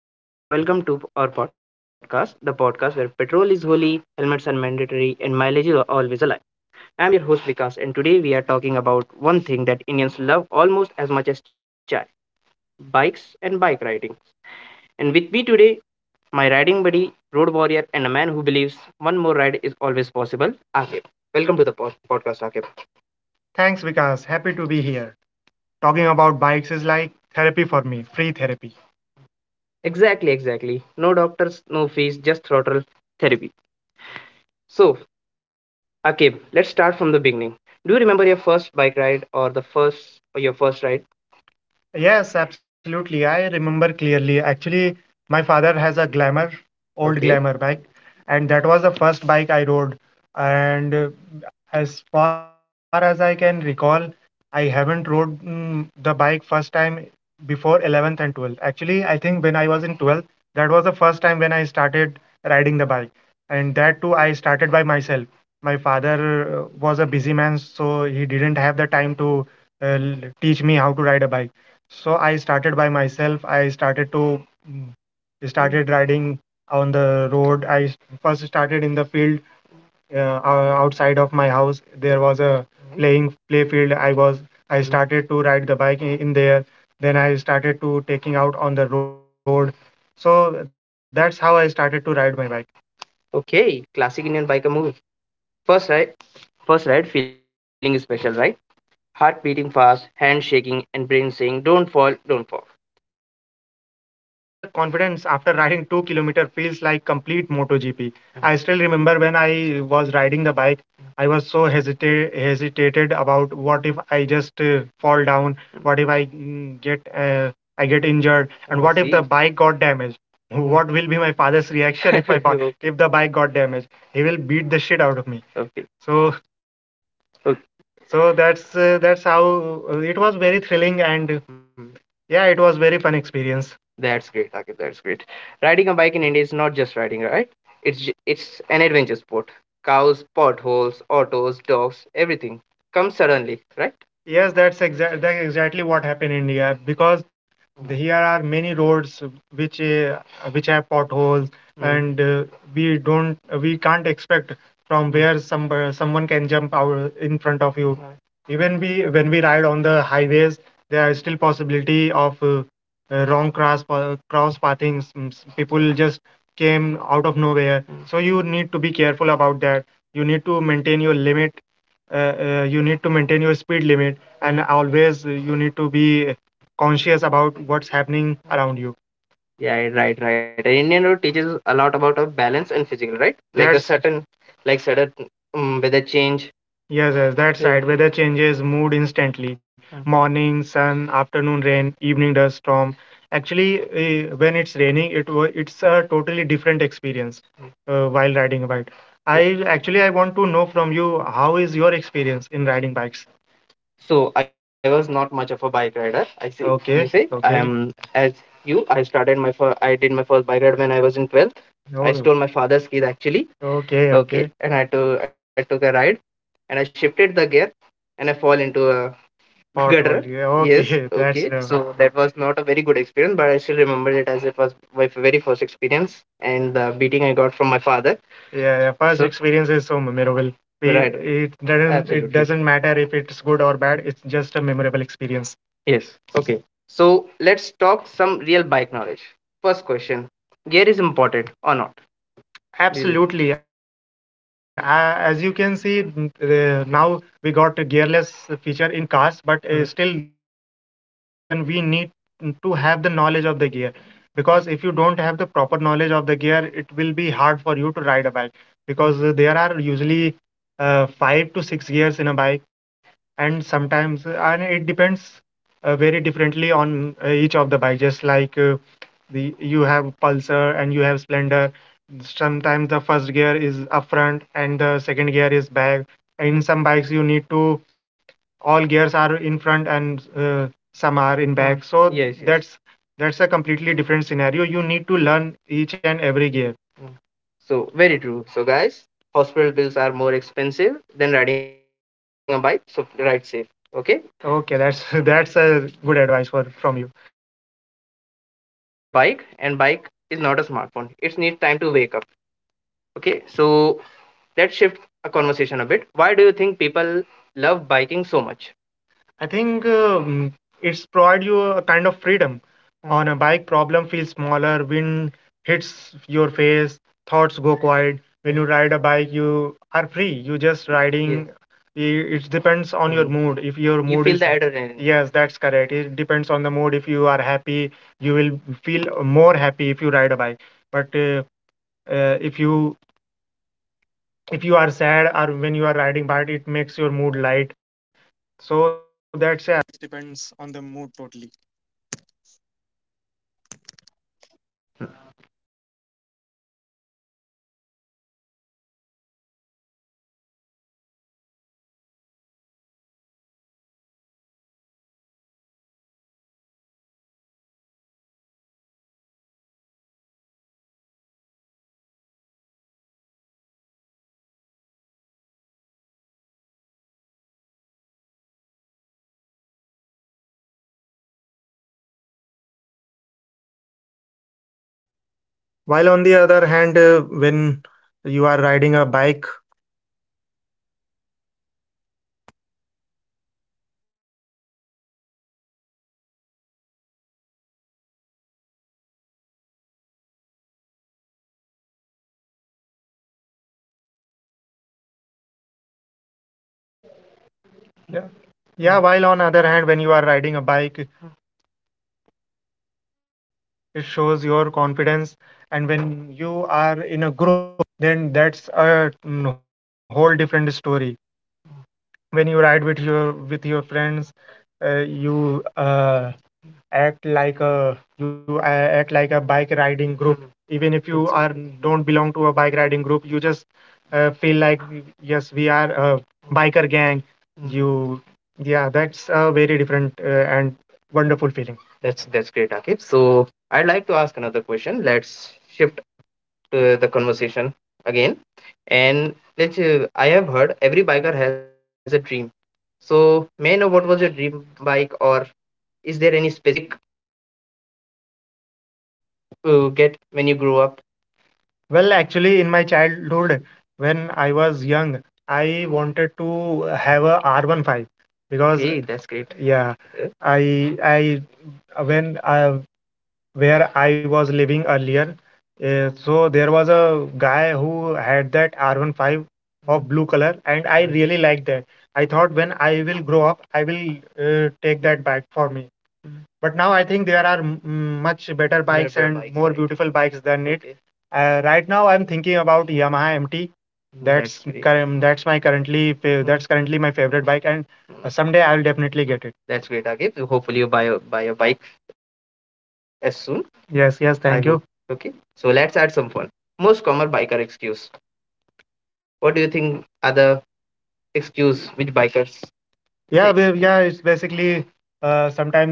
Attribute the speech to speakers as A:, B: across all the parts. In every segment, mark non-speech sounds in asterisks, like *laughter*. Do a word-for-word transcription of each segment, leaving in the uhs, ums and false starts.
A: Hello, hello, hello. Welcome to our podcast, the podcast where petrol is holy, helmets are mandatory, and mileage is always a lie. I'm your host Vikas, and today we are talking about one thing that Indians love almost as much as chai bikes and bike riding. And with me today, my riding buddy, road warrior, and a man who believes one more ride is always possible, Akib. Welcome to the pod- podcast, Akib. Thanks, Vikas. Happy to be here. Talking about bikes is like therapy for me, free therapy. Exactly, exactly. No doctors, no fees, just throttle therapy. So, Akib, let's start from the beginning. Do you remember your first bike ride or the first or your first ride? Yes, absolutely. I remember clearly. Actually, my father has a Glamour, old. Okay. Glamour bike, and that was the first bike I rode. And uh, As far as I can recall, I haven't rode mm, the bike first time before eleventh and twelfth. Actually, I think when I was in twelfth, that was the first time when I started riding the bike. And that too, I started by myself. My father uh, was a busy man, so he didn't have the time to uh, l- teach me how to ride a bike. So I started by myself. I started to mm, started riding on the road. I s- first started in the field, uh, ou- outside of my house. There was a, mhm, playing play field. I was I mhm, started to ride the bike i- in there. Then I started to taking out on the road. So that's how I started to ride my bike. Okay, classic Indian biker move. First ride, first ride, feeling special, right? Heart beating fast, hand shaking, and brain saying, "Don't fall, don't fall." True, and the and the confidence after riding two kilometer feels like complete MotoGP. I still remember when I was riding the bike, I was so hesitate hesitated about what if I just uh, fall down, what if I, mm, get uh, I get injured, and, oh, what if the, see, bike got damaged? What will be my father's reaction if I *laughs* fa- okay. if the bike got damaged? He will beat the shit out of me. Okay. So. Okay. So that's uh, that's how, uh, it was very thrilling and, uh, yeah, it was very fun experience. That's great, Akif. That's great. Riding a bike in India is not just riding, right? It's j- it's an adventure sport. Cows, potholes, autos, dogs, everything comes suddenly, right? Yes, that's exact that's exactly what happened in India because the- here are many roads which, uh, which have potholes. Mm. and uh, we don't we can't expect from where some uh, someone can jump out in front of you. Even we when we ride on the highways, there is still possibility of, uh, uh, wrong cross pa- cross pathing. Some s- People just came out of nowhere, so you need to be careful about that. You need to maintain your limit. Uh, uh, you need to maintain your speed limit, and always, uh, you need to be conscious about what's happening around you. Yeah, right, right. And Indian road teaches a lot about our balance and physical, right? Like a. That's certain, like sudden, um, weather change. Yes, yes, that's. Yeah. Right. Weather changes mood instantly. Uh, Morning, sun, afternoon, rain, evening, dust, storm. Actually, uh, when it's raining, it wa- it's a totally different experience, uh, while riding a bike. Yeah. I actually I want to know from you, how is your experience in riding bikes? So I was not much of a bike rider. I see. You. Okay. You say I. Okay. Am as you. I started my first. I did my first bike ride when I was in twelfth. I. Oh. Stole my father's keys actually. Okay. Okay, okay. and I took I took a ride and I shifted the gear and I fall into a gutter. Yeah. Yes. Okay. *laughs* That's Okay. the. So that was not a very good experience, but I still remember it as it was my very first experience and the beating I got from my father. Yeah, yeah. First. So- experience is so memorable. It. Right. It doesn't. Absolutely. It absolutely doesn't matter if it's good or bad. It's just a memorable experience. Yes. Okay. So let's talk some real bike knowledge. First question, gear is important or not? Really. Absolutely. Uh, as you can see, n- uh, now we got a gearless feature in cars, but, uh, mm, still the, in bikes there are gears, and we need to have the knowledge of the gear. Because if you don't have the proper knowledge of the gear, it will be hard for you to ride a bike. Because, uh, there are usually, uh, five to six gears in a bike, and sometimes, uh, and it depends, uh, very differently on, uh, each of the bike. Just like, uh, the you have Pulsar and you Splendor, sometimes the first gear is up front and the second gear is back. In some bikes you need to, all gears are in front and, uh, some are in, mm, back. So yes, yes, that's that's a completely different scenario. You need to learn each and every gear. Mm. So, very true. So, guys, hospital bills are more expensive than riding a bike. So, ride safe. Okay. Okay, that's *laughs* that's a good advice for from you. Okay. So, let's warm up your bike. And bike is not a smartphone. It needs time to wake up. Okay, so let's shift a conversation a bit. Why think people love biking so much? I think, um, it's provide you a kind of freedom. Hmm. On a bike, problem feels smaller. Wind hits your face. Thoughts go quiet. When you, hmm, ride a bike, you are free. You just, yes, riding. i- It depends on your, hmm, mood. If your. You mood feel is the adrenaline. Yes, that's correct. It depends on the mood. If you are happy, you will feel more happy if you ride a bike. But, uh, uh, if you, if you are sad or when you are riding bike it makes your mood light, so that's.
B: While on the other hand, uh, when you are riding a bike,
A: Yeah. Yeah, while on other hand, when you are riding a bike, it shows your confidence. And when you are in a group, then that's a, mm, whole different story. When you ride with your with your friends, uh, you uh, act like a you a- act like a bike riding group, even if you are. Exactly. Don't belong to a bike riding group, you just, uh, feel like, yes, we are a biker gang, you, yeah, that's a very different, uh, and feeling. That's that's great, Akib. So I'd like to ask another question. Let's shift to the conversation again, and let's. Uh, I have heard every biker has a dream. So may I know what was your dream bike, or is there any specific bike, uh, get when you grew up? Well, actually, in my childhood, when I was young, I wanted to have a R one five because, hey, that's great, yeah. Uh, I I when I Where I was living earlier, uh, so there was a guy who had that r one five of blue color, and I, mhm, really liked that. I thought when I will grow up, I will, uh, take that bike for me. But now I think there are m- m- much better bikes. Better and bikes, more right. Beautiful bikes than it. Okay. Uh, right now I'm thinking about Yamaha M T. That's. That's great. Current. That's my currently. fa- Mm. That's currently my favorite bike, and, uh, mm, someday I will definitely get it. That's great, Agib. So hopefully you buy a buy a bike as soon. Yes, yes. I. Thank hope. You. Okay. So let's add some fun. Most common biker excuse. What do you think are the excuse which bikers, yeah, right, we, yeah, it's basically, uh, sometimes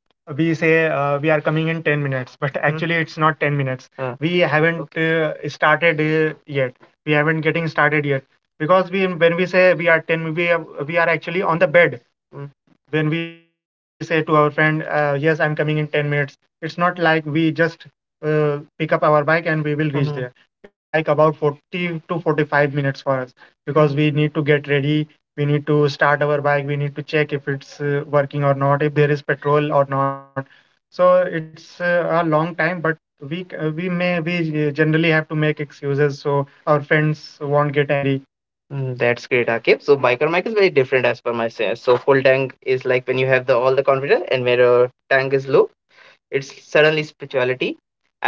A: we say, uh, we are coming in ten minutes, but, hmm, actually it's not ten minutes. Uh, We haven't, okay, uh, started, uh, yet. We haven't getting started yet because we, when we say we are ten, we are, we are actually on the bed. Hmm. When we say to our friend, uh, "Yes, I'm coming in ten minutes," it's not like we just, uh, pick up our bike and we will reach, mhm, there. It's like about forty to forty-five minutes for us because, mhm, we need to get ready, we need to start our bike, we need to check if it's, uh, working or not, if there is petrol or not. So it's, uh, a long time, but we c- uh, we may we uh, generally have to make excuses so our friends won't get angry. Mm. That's great, Akib. So biker mic is very different as per my sense. So full tank is like when you have the all the confidence, and where your tank is low, it's suddenly spirituality,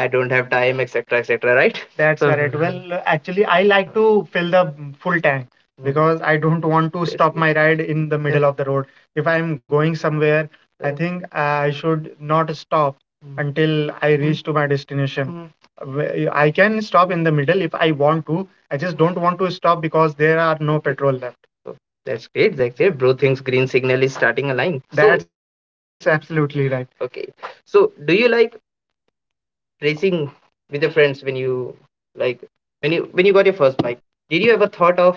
A: don't have time, etc., etc., right? That's so correct. Well, actually, I like to fill the full tank because I don't want to, yes, stop, yes, my ride in the middle of the road. If I am going somewhere, I, yeah, think I should not stop. Mm. Until I reach to my destination. Mhm. I can stop in the middle if I want to. I just don't want to stop because there are no petrol left. So that's great that's great bro thinks green signal is starting a line, so that's so absolutely right. Okay, so you like racing with your friends when you, like, when you when you got your first bike? Did you ever thought of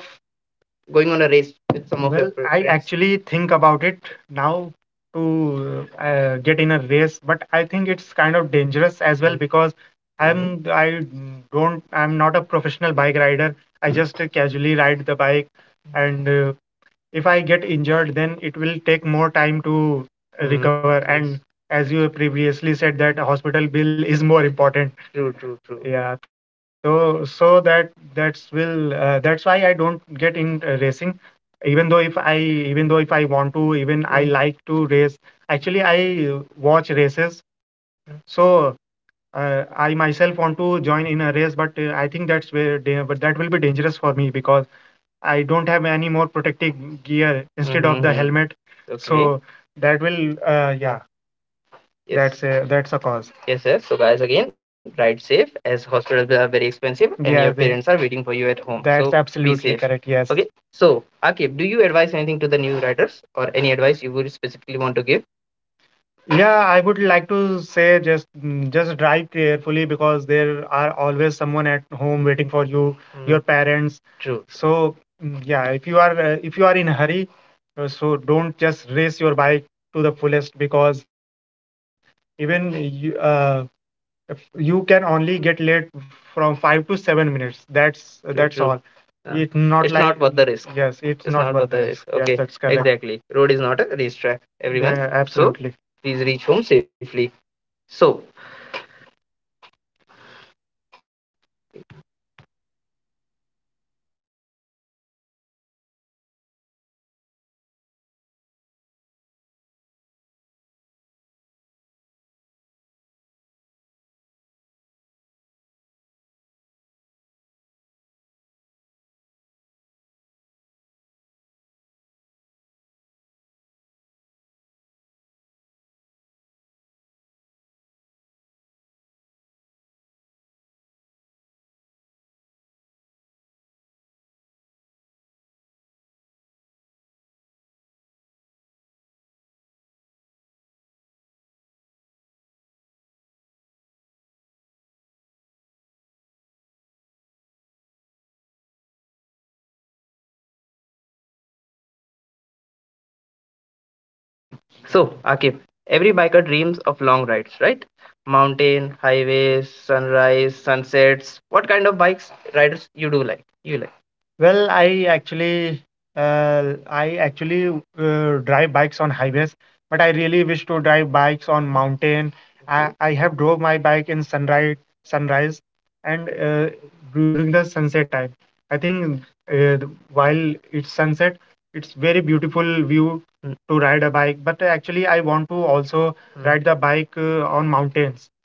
A: going on a race with some of your, well, fr- I friends? Actually think about it now, to uh, get in a race, but I think it's kind of dangerous as well because, mm-hmm, I'm I don't I'm not a professional bike rider. I just casually ride the bike, and uh, if I get injured, then it will take more time to, mm-hmm, recover. Yes. And yes, as you previously said, that hospital bill is more important. True. True. True. Yeah, so so that that's will uh, that's why I don't get in uh, racing. Even though if I Even though if I want to, even I mm like to race. Actually, I, uh, watch races, mm. so, uh, I myself want to join in a race, but uh, I think that's where da- but that will be dangerous for me because I don't have any more protective gear instead of the hmm helmet. Okay. So that will, uh, yeah, yes, that's a that's a cause. Yes, yes. So, guys, again, ride safe as hospitals are very expensive and, yeah, your, they, parents are waiting for you at home. That's, so be absolutely safe, correct. Yes. Okay. So, Akib, do you advise anything to the new riders or any advice you would specifically want to give? Yeah, I would like to say just, mm, just drive carefully because there are always someone at home waiting for you, mm, parents, true. So, mm, yeah, if you are, uh, if you are in a hurry, uh, so don't just race your bike to the fullest because even you, uh, if you can only get late from five to seven minutes. That's, true, that's true, all. Yeah. It's not, it's like not worth the risk, yes, it's, It's not, not worth the risk. Yes, okay, that's correct, exactly. Road is not a racetrack, everyone. Yeah, so absolutely, please reach home safely. So, so Akib, every biker dreams of long rides, right? Mountain, highways, sunrise, sunsets. What kind of bikes riders you do like? You like? Well, I actually, uh, I actually, uh, drive bikes on highways, but I really wish to drive bikes on mountain. I, okay, I have drove my bike in sunrise, sunrise, and uh, during the sunset time. I think, uh, while it's sunset, it's very beautiful view to ride a bike, but actually I want to also, hmm, ride the bike uh, on mountains.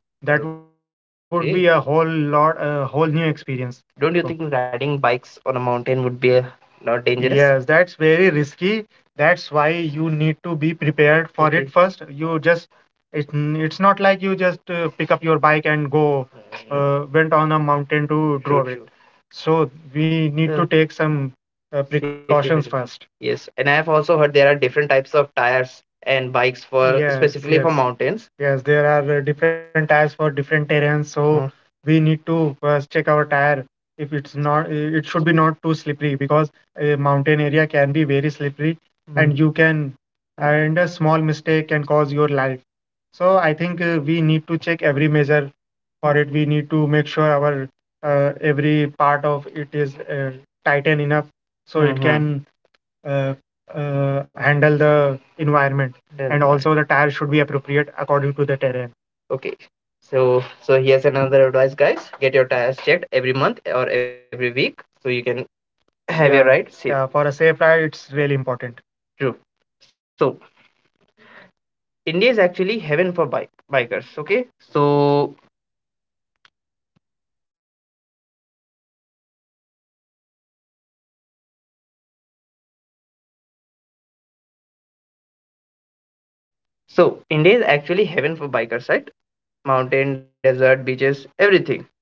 A: That would, okay, be a whole lot, a whole new experience. Don't you, so, think riding bikes on a mountain would be uh, not dangerous? Yes, that's very risky. That's why you need to be prepared for it, okay, first. You just, it, it's not like you just uh, pick up your bike and go, hmm, uh, went on a mountain to, true, drove it, true. So we need, uh, to take some uh, safety precautions measures first. Yes, and I have also heard there are different types of tires and bikes for, yes, specifically for, yes, mountains, yes. There are uh, different tires for different terrains, so, mhm, we need to first check our tire. If it's not, i- it should be not too slippery because a mountain area can be very slippery, mhm, and you can, mhm, and a small mistake can cause your life. So I think uh, we need to check every measure for it. We need to make sure our uh, every part of it is uh, tightened enough so it, mhm, can, uh, uh, handle the environment. Then, and also the tire should be appropriate according to the terrain, okay. So, so here's another advice, guys. Get your tires checked every month or every week so you can have your, yeah, ride safe, yeah, for a safe ride it's really important. True. So India is actually heaven for bike bikers. Okay. So, so India is actually heaven for bikers, right? Mountain, desert, beaches, everything.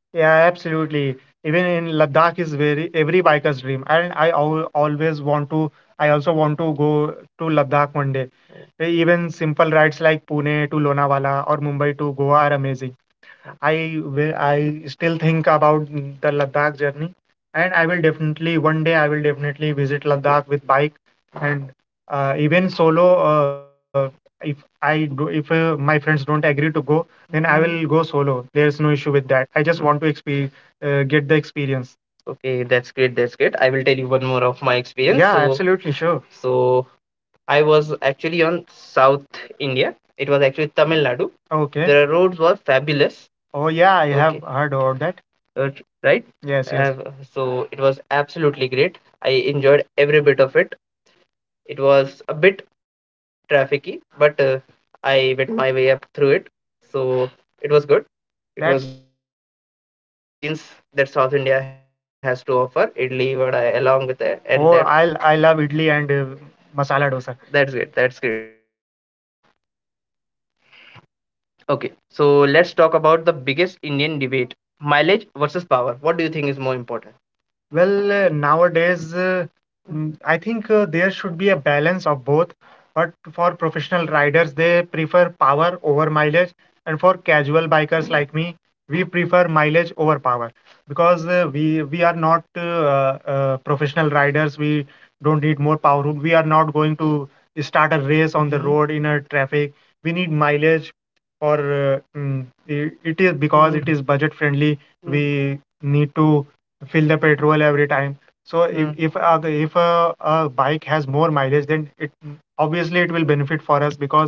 A: Yeah, absolutely. Even in Ladakh is very every biker's dream, and I al always want to. I also want to go to Ladakh one day. Even simple rides like Pune to Lonavala or Mumbai to Goa are, I will, I still think about the Ladakh journey, and I will definitely one day I will definitely visit Ladakh with bike, and uh, even solo. Uh, if I do, if uh, my friends don't agree to go, then I, mhm, will go solo. There's no issue with that. I just want to experience, uh, get the experience. Okay, that's great. That's great. I will tell you one more of my experience. Yeah, so, absolutely sure. So, I was actually on South India. It was actually Tamil Nadu. Okay. The roads were fabulous. Oh yeah, I have, okay, heard about that. Uh, right? Yes, yes. Uh, so it was absolutely great. I enjoyed every bit of it. It was a bit trafficky, but uh, I went my way up through it. So it was good. It was, That's- good. I that's enjoyed great. All the cuisines that South India has to offer. Idli, vada, along with that, and oh, that, i I love idli and, uh, masala dosa. That's great. That's great, bro. So, okay, so let's talk about the biggest Indian debate: mileage versus power. What do you think is more important? Well, uh, nowadays, uh, mm, I think uh, there should be a balance of both. But for professional riders, they prefer power over mileage, and for casual bikers like me, we prefer mileage over power because uh, we we are not, uh, uh, professional riders. We don't need more power. We are not going to start a race on the, hmm, road in a traffic. We need mileage for, uh, mm, i- it is because it is budget friendly. We need to fill the petrol every time. So if, mm, if a, a bike has more mileage, then it obviously it will benefit for us because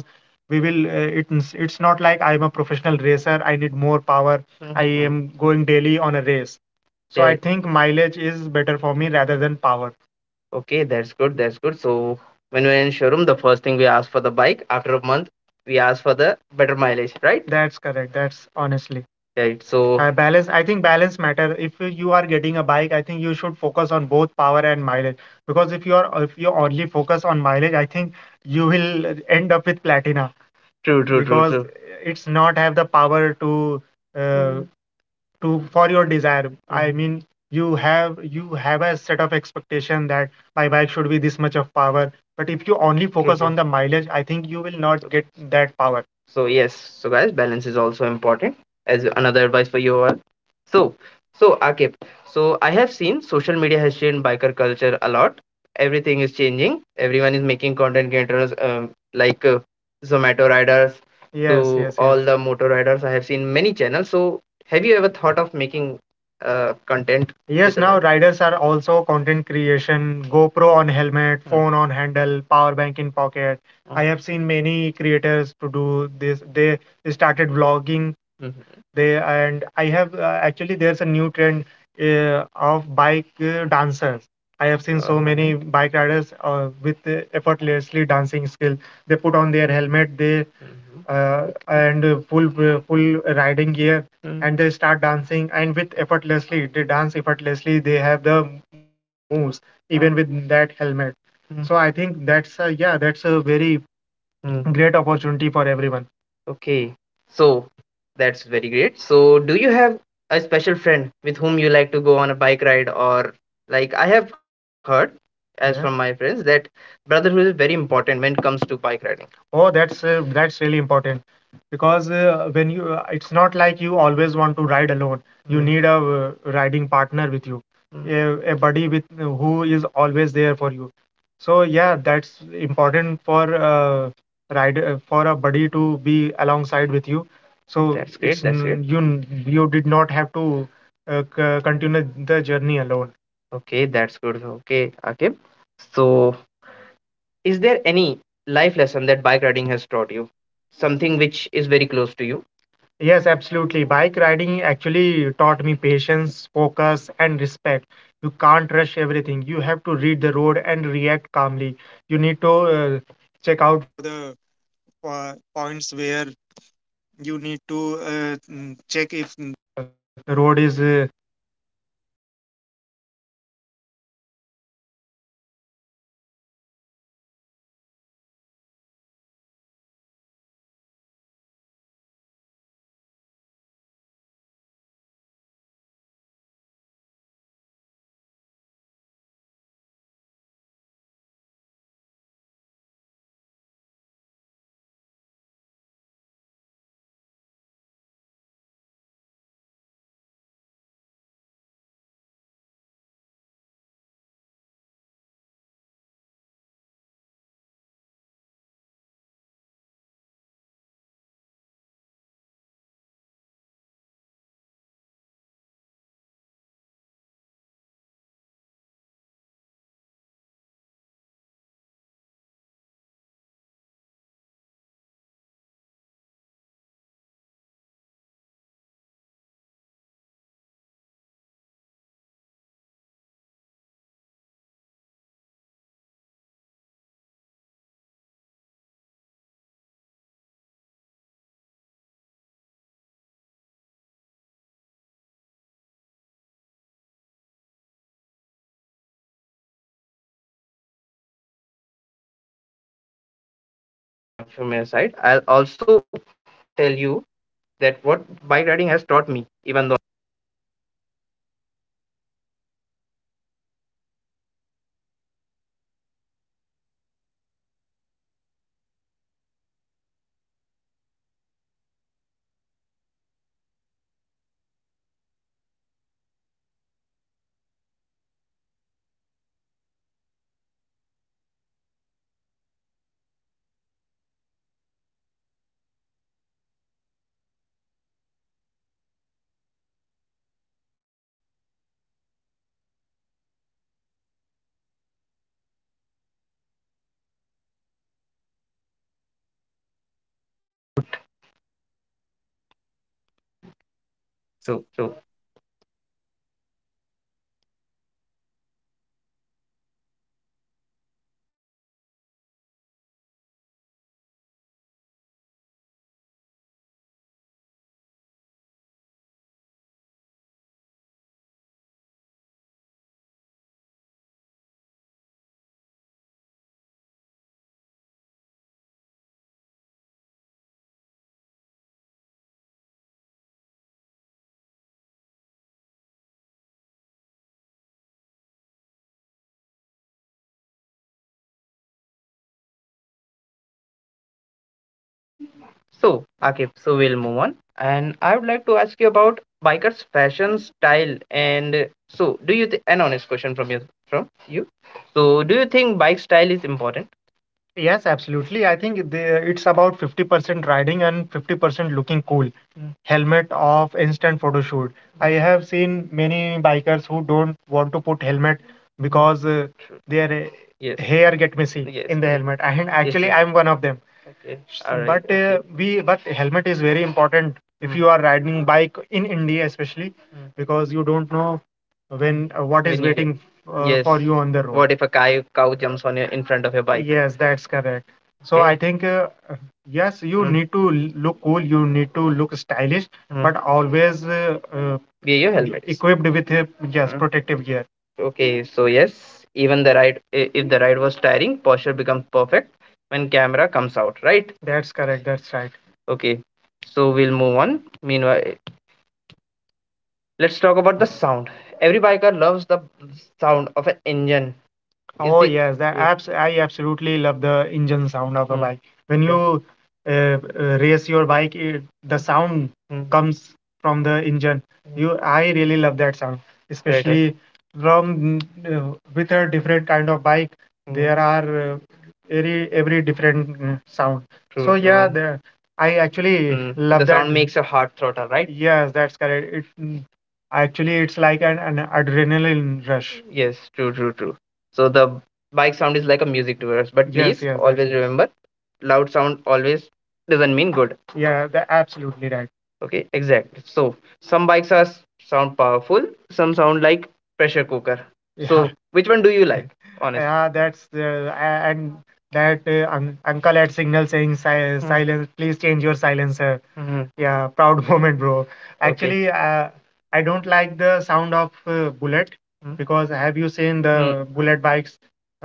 A: we will. Uh, it's it's not like I'm a professional racer. I need more power. I, mhm, am going daily on a race. So I, correct, think mileage is better for me rather than power. Okay, that's good. That's good. So when we're in showroom, the first thing we ask for the bike. After a month, we ask for the better mileage, right? That's correct. That's honestly. Right. So, uh, balance, I think balance matter. If you are getting a bike, I think you should focus on both power and mileage. Because if you are, if you only focus on mileage, I think you will end up with platina, true, true, true, because, true, it's not have the power to, uh, to for your desire, I mean, you have you have a set of expectation that my bike should be this much of power, but if you only focus on the mileage I think you will not get that power. So yes, so guys, balance is also important as another advice for you all. So, so Akib, so I have seen social media has changed biker culture a lot. Everything is changing. Everyone is making content creators, um, like, uh, Zomato riders, yes, to, yes, yes, all the motor riders. I have seen many channels. So have you ever thought of making uh, content, yes, with now rider? Riders are also content creation, GoPro on helmet, mm, phone on handle, power bank in pocket. Mm. I, mhm, have seen many creators to do this. They started vlogging. Mhm. They and I have, uh, actually there's a new trend uh, of bike, uh, dancers. I have seen so, oh, many bike riders uh, with uh, effortlessly dancing skill. They put on their helmet, they, mhm, uh, and uh, full, uh, full riding gear, mm, and they start dancing and with effortlessly they dance effortlessly they have the, they got the moves even with that helmet, mm, so I think that's a, yeah, that's a very, mm, great opportunity for everyone. Okay, so that's very great. So, do you have a special friend with whom you like to go on a bike ride, or like I have heard, as yeah from my friends, that brotherhood is very important when it comes to bike riding. Oh, that's uh, that's really important because uh, when you uh, it's not like you always want to ride alone. You Mm, need a uh, riding partner with you, mm, a, a buddy with uh, who is always there for you. So yeah, that's important for uh, ride uh, for a buddy to be alongside with you. So that's great. It's That's great. n- you n- you did not have to uh, c- continue the journey alone. Okay, that's good. Okay, Akib. So, is there any life lesson that bike riding has taught you? Something which is very close to you? Yes, absolutely. Bike riding actually taught me patience, focus, and respect. You can't rush everything. You have to read the road and react calmly. You need to uh, okay, so that was a very really good advice from your from your side. I'll also tell you that what bike riding has taught me, even though so so okay, so we'll move on. And I would like to ask you about bikers' fashion style. And so, do you th- an honest question from your from you? So, do you think bike style is important? Yes, absolutely. I think the, it's about fifty percent riding and fifty percent looking cool. Mm. Helmet off, instant photo shoot. I have seen many bikers who don't want to put helmet because uh, true, their uh, yes, hair get messy, yes, in the, yes, helmet. And, yes, actually, yes, I'm one of them. Okay. S- All right. But okay, uh, we but helmet is very important if, mm, you are riding bike in India especially, mm, because you don't know when uh, what is When you waiting uh, for, yes, you on the road. What if a cow, cow jumps on your in front of your bike? Yes, that's correct. So okay, I think, uh, uh, yes, you, mm, need to l- look cool, you need to look stylish, mm, but always uh, uh, wear your e- helmets. Equipped with, uh, yes, mm, protective gear. Okay, so yes, even the ride, i- if the ride was tiring, posture becomes perfect when camera comes out, right? That's correct, that's right. Okay, so we'll move on. Meanwhile, let's talk about the sound. Every biker loves the sound of an engine is. Oh the yes, that yeah abs I absolutely love the engine sound of a, mm, bike. When, yeah, you uh, uh, race your bike, it, the sound, mm, comes from the engine. Mm, You, I really love that sound, right right, especially from uh, with a different kind of bike. Mm, there are uh, every every different uh, sound. True. So yeah, true, the, I actually, mm, love the that. Sound makes your heart throttle, right? Yes, that's correct. It, mm, actually it's like an, an adrenaline rush. Yes, true, true, true. So the bike sound is like a music to us. But yes, please, yes, yes, always remember, loud sound always doesn't mean good. Yeah, they're absolutely right. Okay, exact. So some bikes are s- sound powerful, some sound like pressure cooker. Yeah. So yeah, *laughs* which one do you like? Honestly. Yeah, that's the a- and that uh, un uncle at signal saying si Hmm. silence, please change your silencer. Mhm. Yeah, proud *laughs* moment, bro. Okay. Actually, uh, I don't like the sound of uh, bullets. Hmm. Because have you seen Hmm. the Hmm. bullet bikes,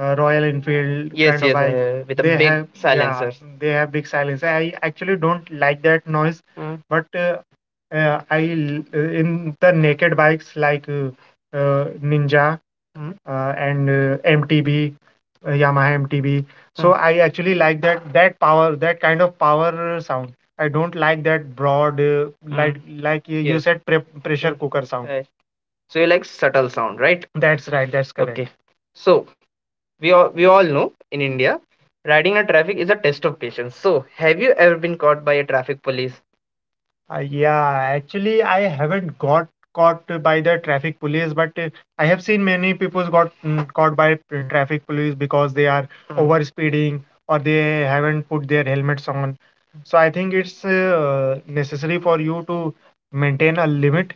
A: uh, Royal Enfield Yes, kind of yes, bike? Uh, with a They big have, yeah, silencer. They have big silence. I actually don't like that noise, mm, but uh, uh, I l- uh, in the naked bikes like uh, uh, Ninja, mm, uh, and uh, M T B, uh, Yamaha M T B. Mm. So I actually like that that power, that kind of power sound. I don't like that broad, uh, mm, like like you you, yes, said, pre pressure, mm, cooker sound. So you like subtle sound, right? That's right. That's correct. Okay. So we all we all know in India, riding in a traffic is a test of patience. So have you ever been caught by a traffic police? Uh, yeah, actually, I haven't got caught by the traffic police, but uh, I have seen many people got, mm, caught by, mm, traffic police because they are, hmm, over speeding or they haven't put their helmets on. So I think it's uh, necessary for you to maintain a limit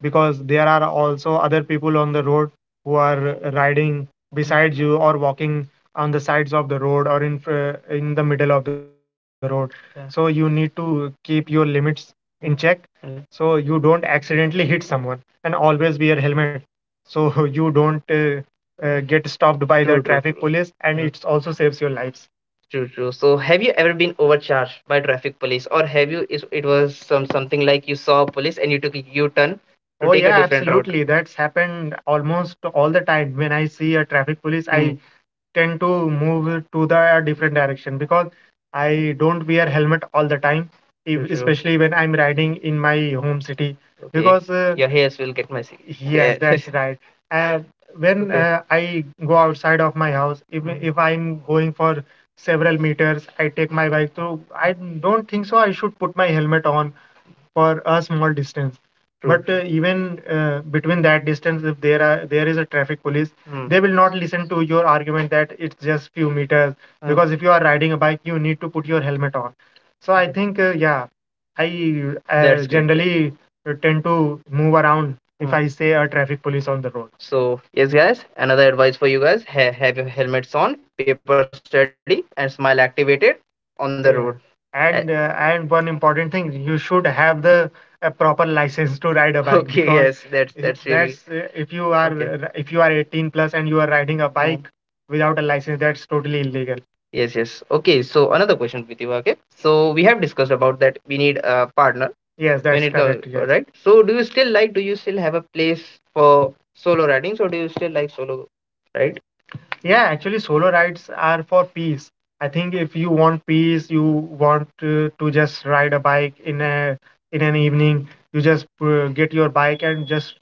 A: because there are also other people on the road who are riding, hmm, beside you or walking on the sides of the road or in fr- in the middle of the road. Yeah. So you need to keep your limits in, hmm, check, mm, so you don't accidentally hit someone and always wear helmet so *laughs* you don't uh, uh, get stopped by the, true, true, traffic, true, police and, mm, it also saves your lives. True, true. So, have you ever been overcharged by traffic police, or have you? Is it was some something like you saw police and you took a U-turn to, oh, take a, yeah, different route? Absolutely, that's happened almost all the time. When I see a traffic police I tend to move to the different direction because I don't wear helmet all the time, ev- true, especially when I'm riding in my home city. Okay. Because, uh, your hairs will get messy. Yes, yeah, that's *laughs* right. Uh, when *laughs* okay, uh, I go outside of my house, if, mm, if I'm going for several meters, I take my bike. So I don't think so. I should put my helmet on for a small distance. True. But uh, even uh, between that distance, if there are there is a traffic police, mm, they will not listen to your argument that it's just few meters. Mm. Because if you are riding a bike, you need to put your helmet on. So I, mm, think, uh, yeah, I, uh, that's great, generally tend to move around if, mm, I say a traffic police on the road. So, yes, guys, another advice for you guys, ha have your helmets on, papers ready, and smile activated on the, yeah, road. Uh, And uh, and one important thing, you should have the a proper license to ride a bike. Okay, because yes, that's i- that's really that's, uh, if you are okay, if you are eighteen plus and you are riding a, mhm, bike, mhm, without a license, that's totally illegal. Yes, yes. Okay, so okay? So we have discussed about that we need a partner. Yes, when that's it comes, correct, yes, right? So do you still like, do you still have a place for solo ridings or do you still like solo, right? Yeah, actually, solo rides are for peace. I think if you want peace, you want to, to just ride a bike in a, in an evening, you just uh, get your bike and just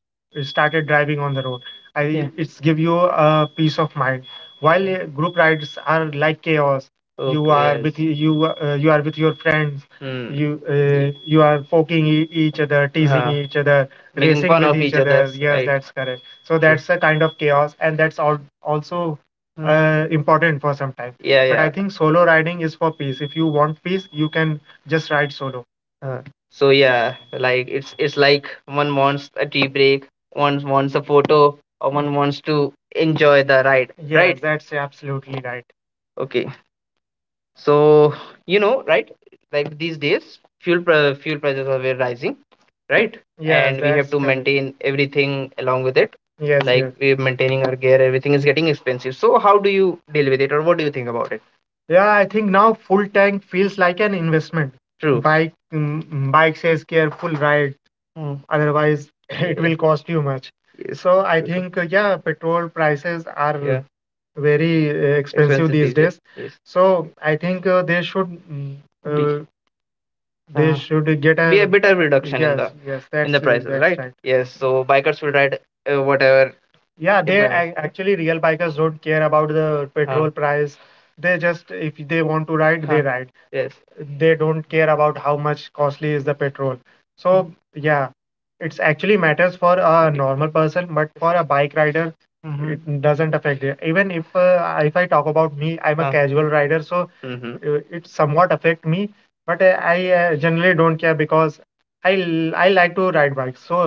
A: started driving on the road. Yeah. I it's give you a peace of mind. While uh, group rides are like chaos. You, okay, are, yes, with you uh, you are with your friends. Hmm. You uh, you are poking e- each other, teasing, huh, each other, making racing other. other's. Yes, right, that's correct. So that's a kind of chaos, and that's al- also, mm, uh, important for some time. Yeah, but I, yeah, think solo riding is for peace. If you want peace, you can just ride solo. Uh, so yeah, like it's it's like one wants a tea break, one wants a photo, or one wants to enjoy the ride, yeah, right? That's absolutely right. Okay. So you know, right? Like these days, fuel pr fuel prices are very rising, right? Yeah, and we have, that's to correct. Maintain everything along with it. Yes, like yes, we're maintaining our gear, everything is getting expensive. So how do you deal with it, or what do you think about it? Yeah, I think now full tank feels like an investment. True. Bike, mm, mm, bike says careful ride, hmm, otherwise *laughs* it, yeah, will, yes, cost you much. Yes. So I, true, true, think, uh, yeah, petrol prices are, yeah, very uh, expensive, expensive these these days. Days. Yes. So I think, uh, they should, mm, be, uh, they Uh, should get be a, be a better reduction in, yes, the, yes, yes, in the it, prices, that's right, right, yes, so bikers will ride uh, whatever, yeah, it, they, depends, ac- actually real bikers don't care about the, huh, petrol price. They just if they want to ride, they, huh, ride. Yes. They don't care about how much costly is the petrol. Mm. So yeah, it's actually matters for a normal person, but for a bike rider, mm-hmm, it doesn't affect it. Even if uh, if I talk about me, I'm a, uh, casual rider, so mm-hmm. uh, it somewhat affect me. But uh, I uh, generally don't care because I l- I like to ride bikes. So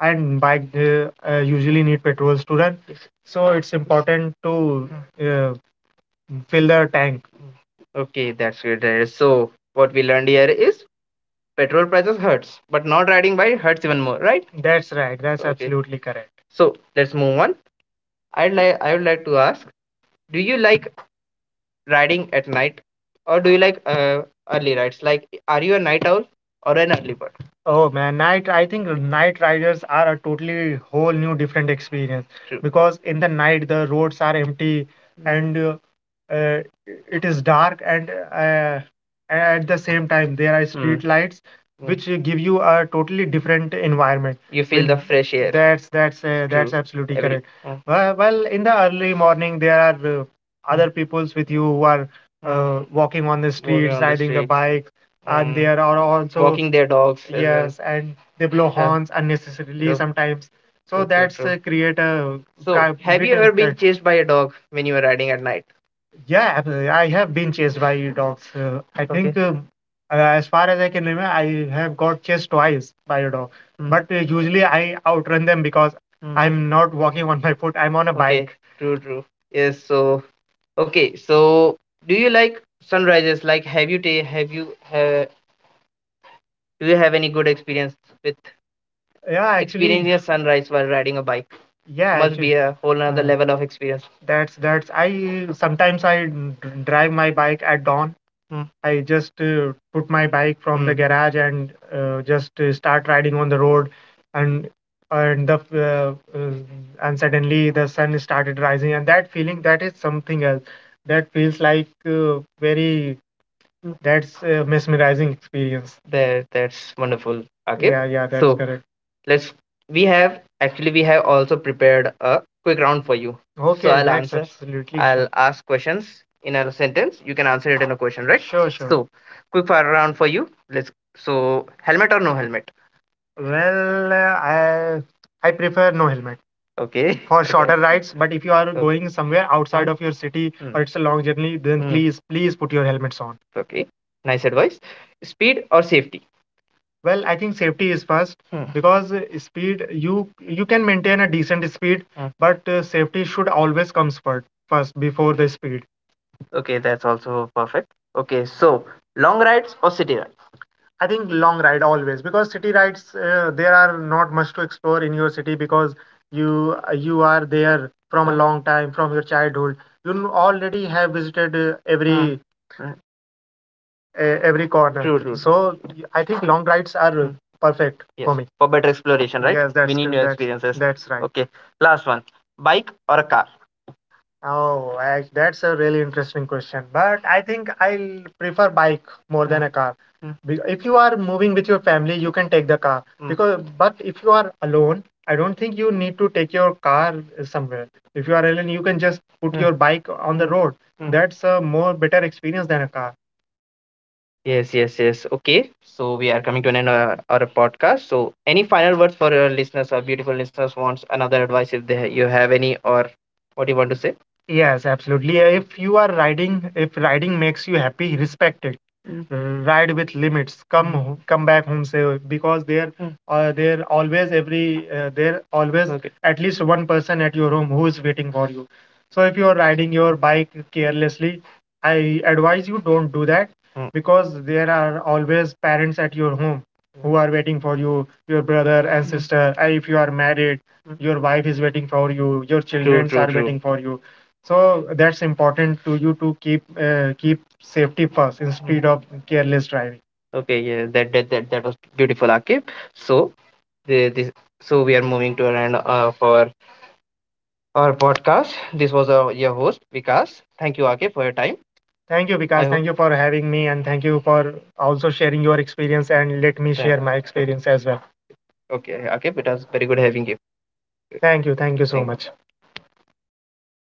A: and bike uh, uh, usually need petrols to run, so it's important to uh, fill the tank. Okay, that's great, Darius. So, what we learned here is petrol prices hurts, but not riding bike hurts even more, right? That's right. That's okay, absolutely correct. So let's move on. I'd like I would like to ask, do you like riding at night, or do you like uh, early rides? Like, are you a night owl or an early bird? Oh man, night. I think night riders are a totally whole new different experience. True, because in the night the roads are empty and uh, uh, it is dark, and uh, at the same time there are, mm, street, mm, lights, mm, which give you a totally different environment. You feel the fresh air. that's that's uh, that's absolutely every correct. Uh, well, well in the early morning there are, uh, mm, other peoples with you who are uh, uh, walking on the walking streets on the riding the bike, bikes, and, mm, there are also walking their dogs as well, yes. Uh, and they blow horns uh, unnecessarily, true, sometimes, so true, that's true, true, uh, create a. So, have you ever been chased by a dog when you were riding at night? Yeah, absolutely. I have been chased by dogs. Uh, I think, okay, um, uh, as far as I can remember, I have got chased twice by a dog. Mm, But uh, usually I outrun them because, mm, I'm not walking on my foot. I'm on a, okay, bike, true, true. Yes, so okay, so do you like sunrises? Like, have you ta have you have do you have any good experience with, yeah, experiencing actually a sunrise while riding a bike, yeah, must actually be a whole nother uh, level of experience. that's that's I sometimes I d- drive my bike at dawn. Mm, I just uh, put my bike from the, mm, garage, and uh, just uh, start riding on the road, and and the uh, uh, and suddenly the sun started rising, and that feeling, that is something else. That feels like uh, very that's a mesmerizing experience. That that's wonderful. Okay. Yeah, yeah, that's so correct. Let's, we have actually we have also prepared a quick round for you. So, okay, I'll that's answer absolutely, I'll fun. Ask questions in a sentence. You can answer it in a question, right? Sure, sure. So, quick fire round for you. Let's, so helmet or no helmet? Well, uh, I I prefer no helmet, okay, for shorter *laughs* rides. But if you are, okay, going somewhere outside of your city, hmm, or it's a long journey, then, hmm, please please put your helmets on. Okay. Nice advice. Speed or safety? Well, I think safety is first, hmm, because uh, speed, you you can maintain a decent speed, hmm, but uh, safety should always comes first, first before the speed. Okay, that's also perfect. Okay, so long rides or city. I think long ride always, because city rides, uh, there are not much to explore in your city because you you are there from a, uh, long time from your childhood. You n- already have visited uh, uh, every uh, uh, every corner, true, true, true. So y- I think long rides are uh, mm, perfect, yes, for me, for better exploration, right? Yes, we that's need new that's experiences, that's right. Okay, last one. Bike or a car? Oh, I, that's a really interesting question. But I think I'll prefer bike more than, mm, a car. Mm, be- if you are moving with your family, you can take the car. Mm, because, but if you are alone, I don't think you need to take your car somewhere. If you are alone, you can just put, mm, your bike on the, mm, road, mm. That's a more better experience than a car. Yes, yes, yes. Okay. So we are coming to an end uh, our podcast. So any final words for our listeners, our beautiful listeners, wants another advice if they you have any, or what do you want to say? Yes, absolutely. If you are riding, if riding makes you happy, respect it. Mm, ride with limits. Come home, come back home safe, because there, mm, uh, there always every, uh, there always, okay, at least one person at your home who is waiting for you. So if you are riding your bike carelessly, I advise you don't do that, mm, because there are always parents at your home, mm, who, mm, are waiting for you, your brother and, mm, sister. Uh, If you are married, mm, your wife is waiting for you, your, true, children, true, are, true, waiting for you. So that's important to you to keep uh, keep safety first instead of careless driving. Okay, yeah, that that that, that was beautiful, Akib. So the, this so we are moving to an end uh, of our our podcast. This was our, your host, Vikas. Thank you, Akib, for your time. Thank you, I Vikas hope. Thank hope you for having me, and thank you for also sharing your experience and let me, yeah, share my experience as well. Okay, Akib, it was very good having you. Thank you. Thank you so thank much.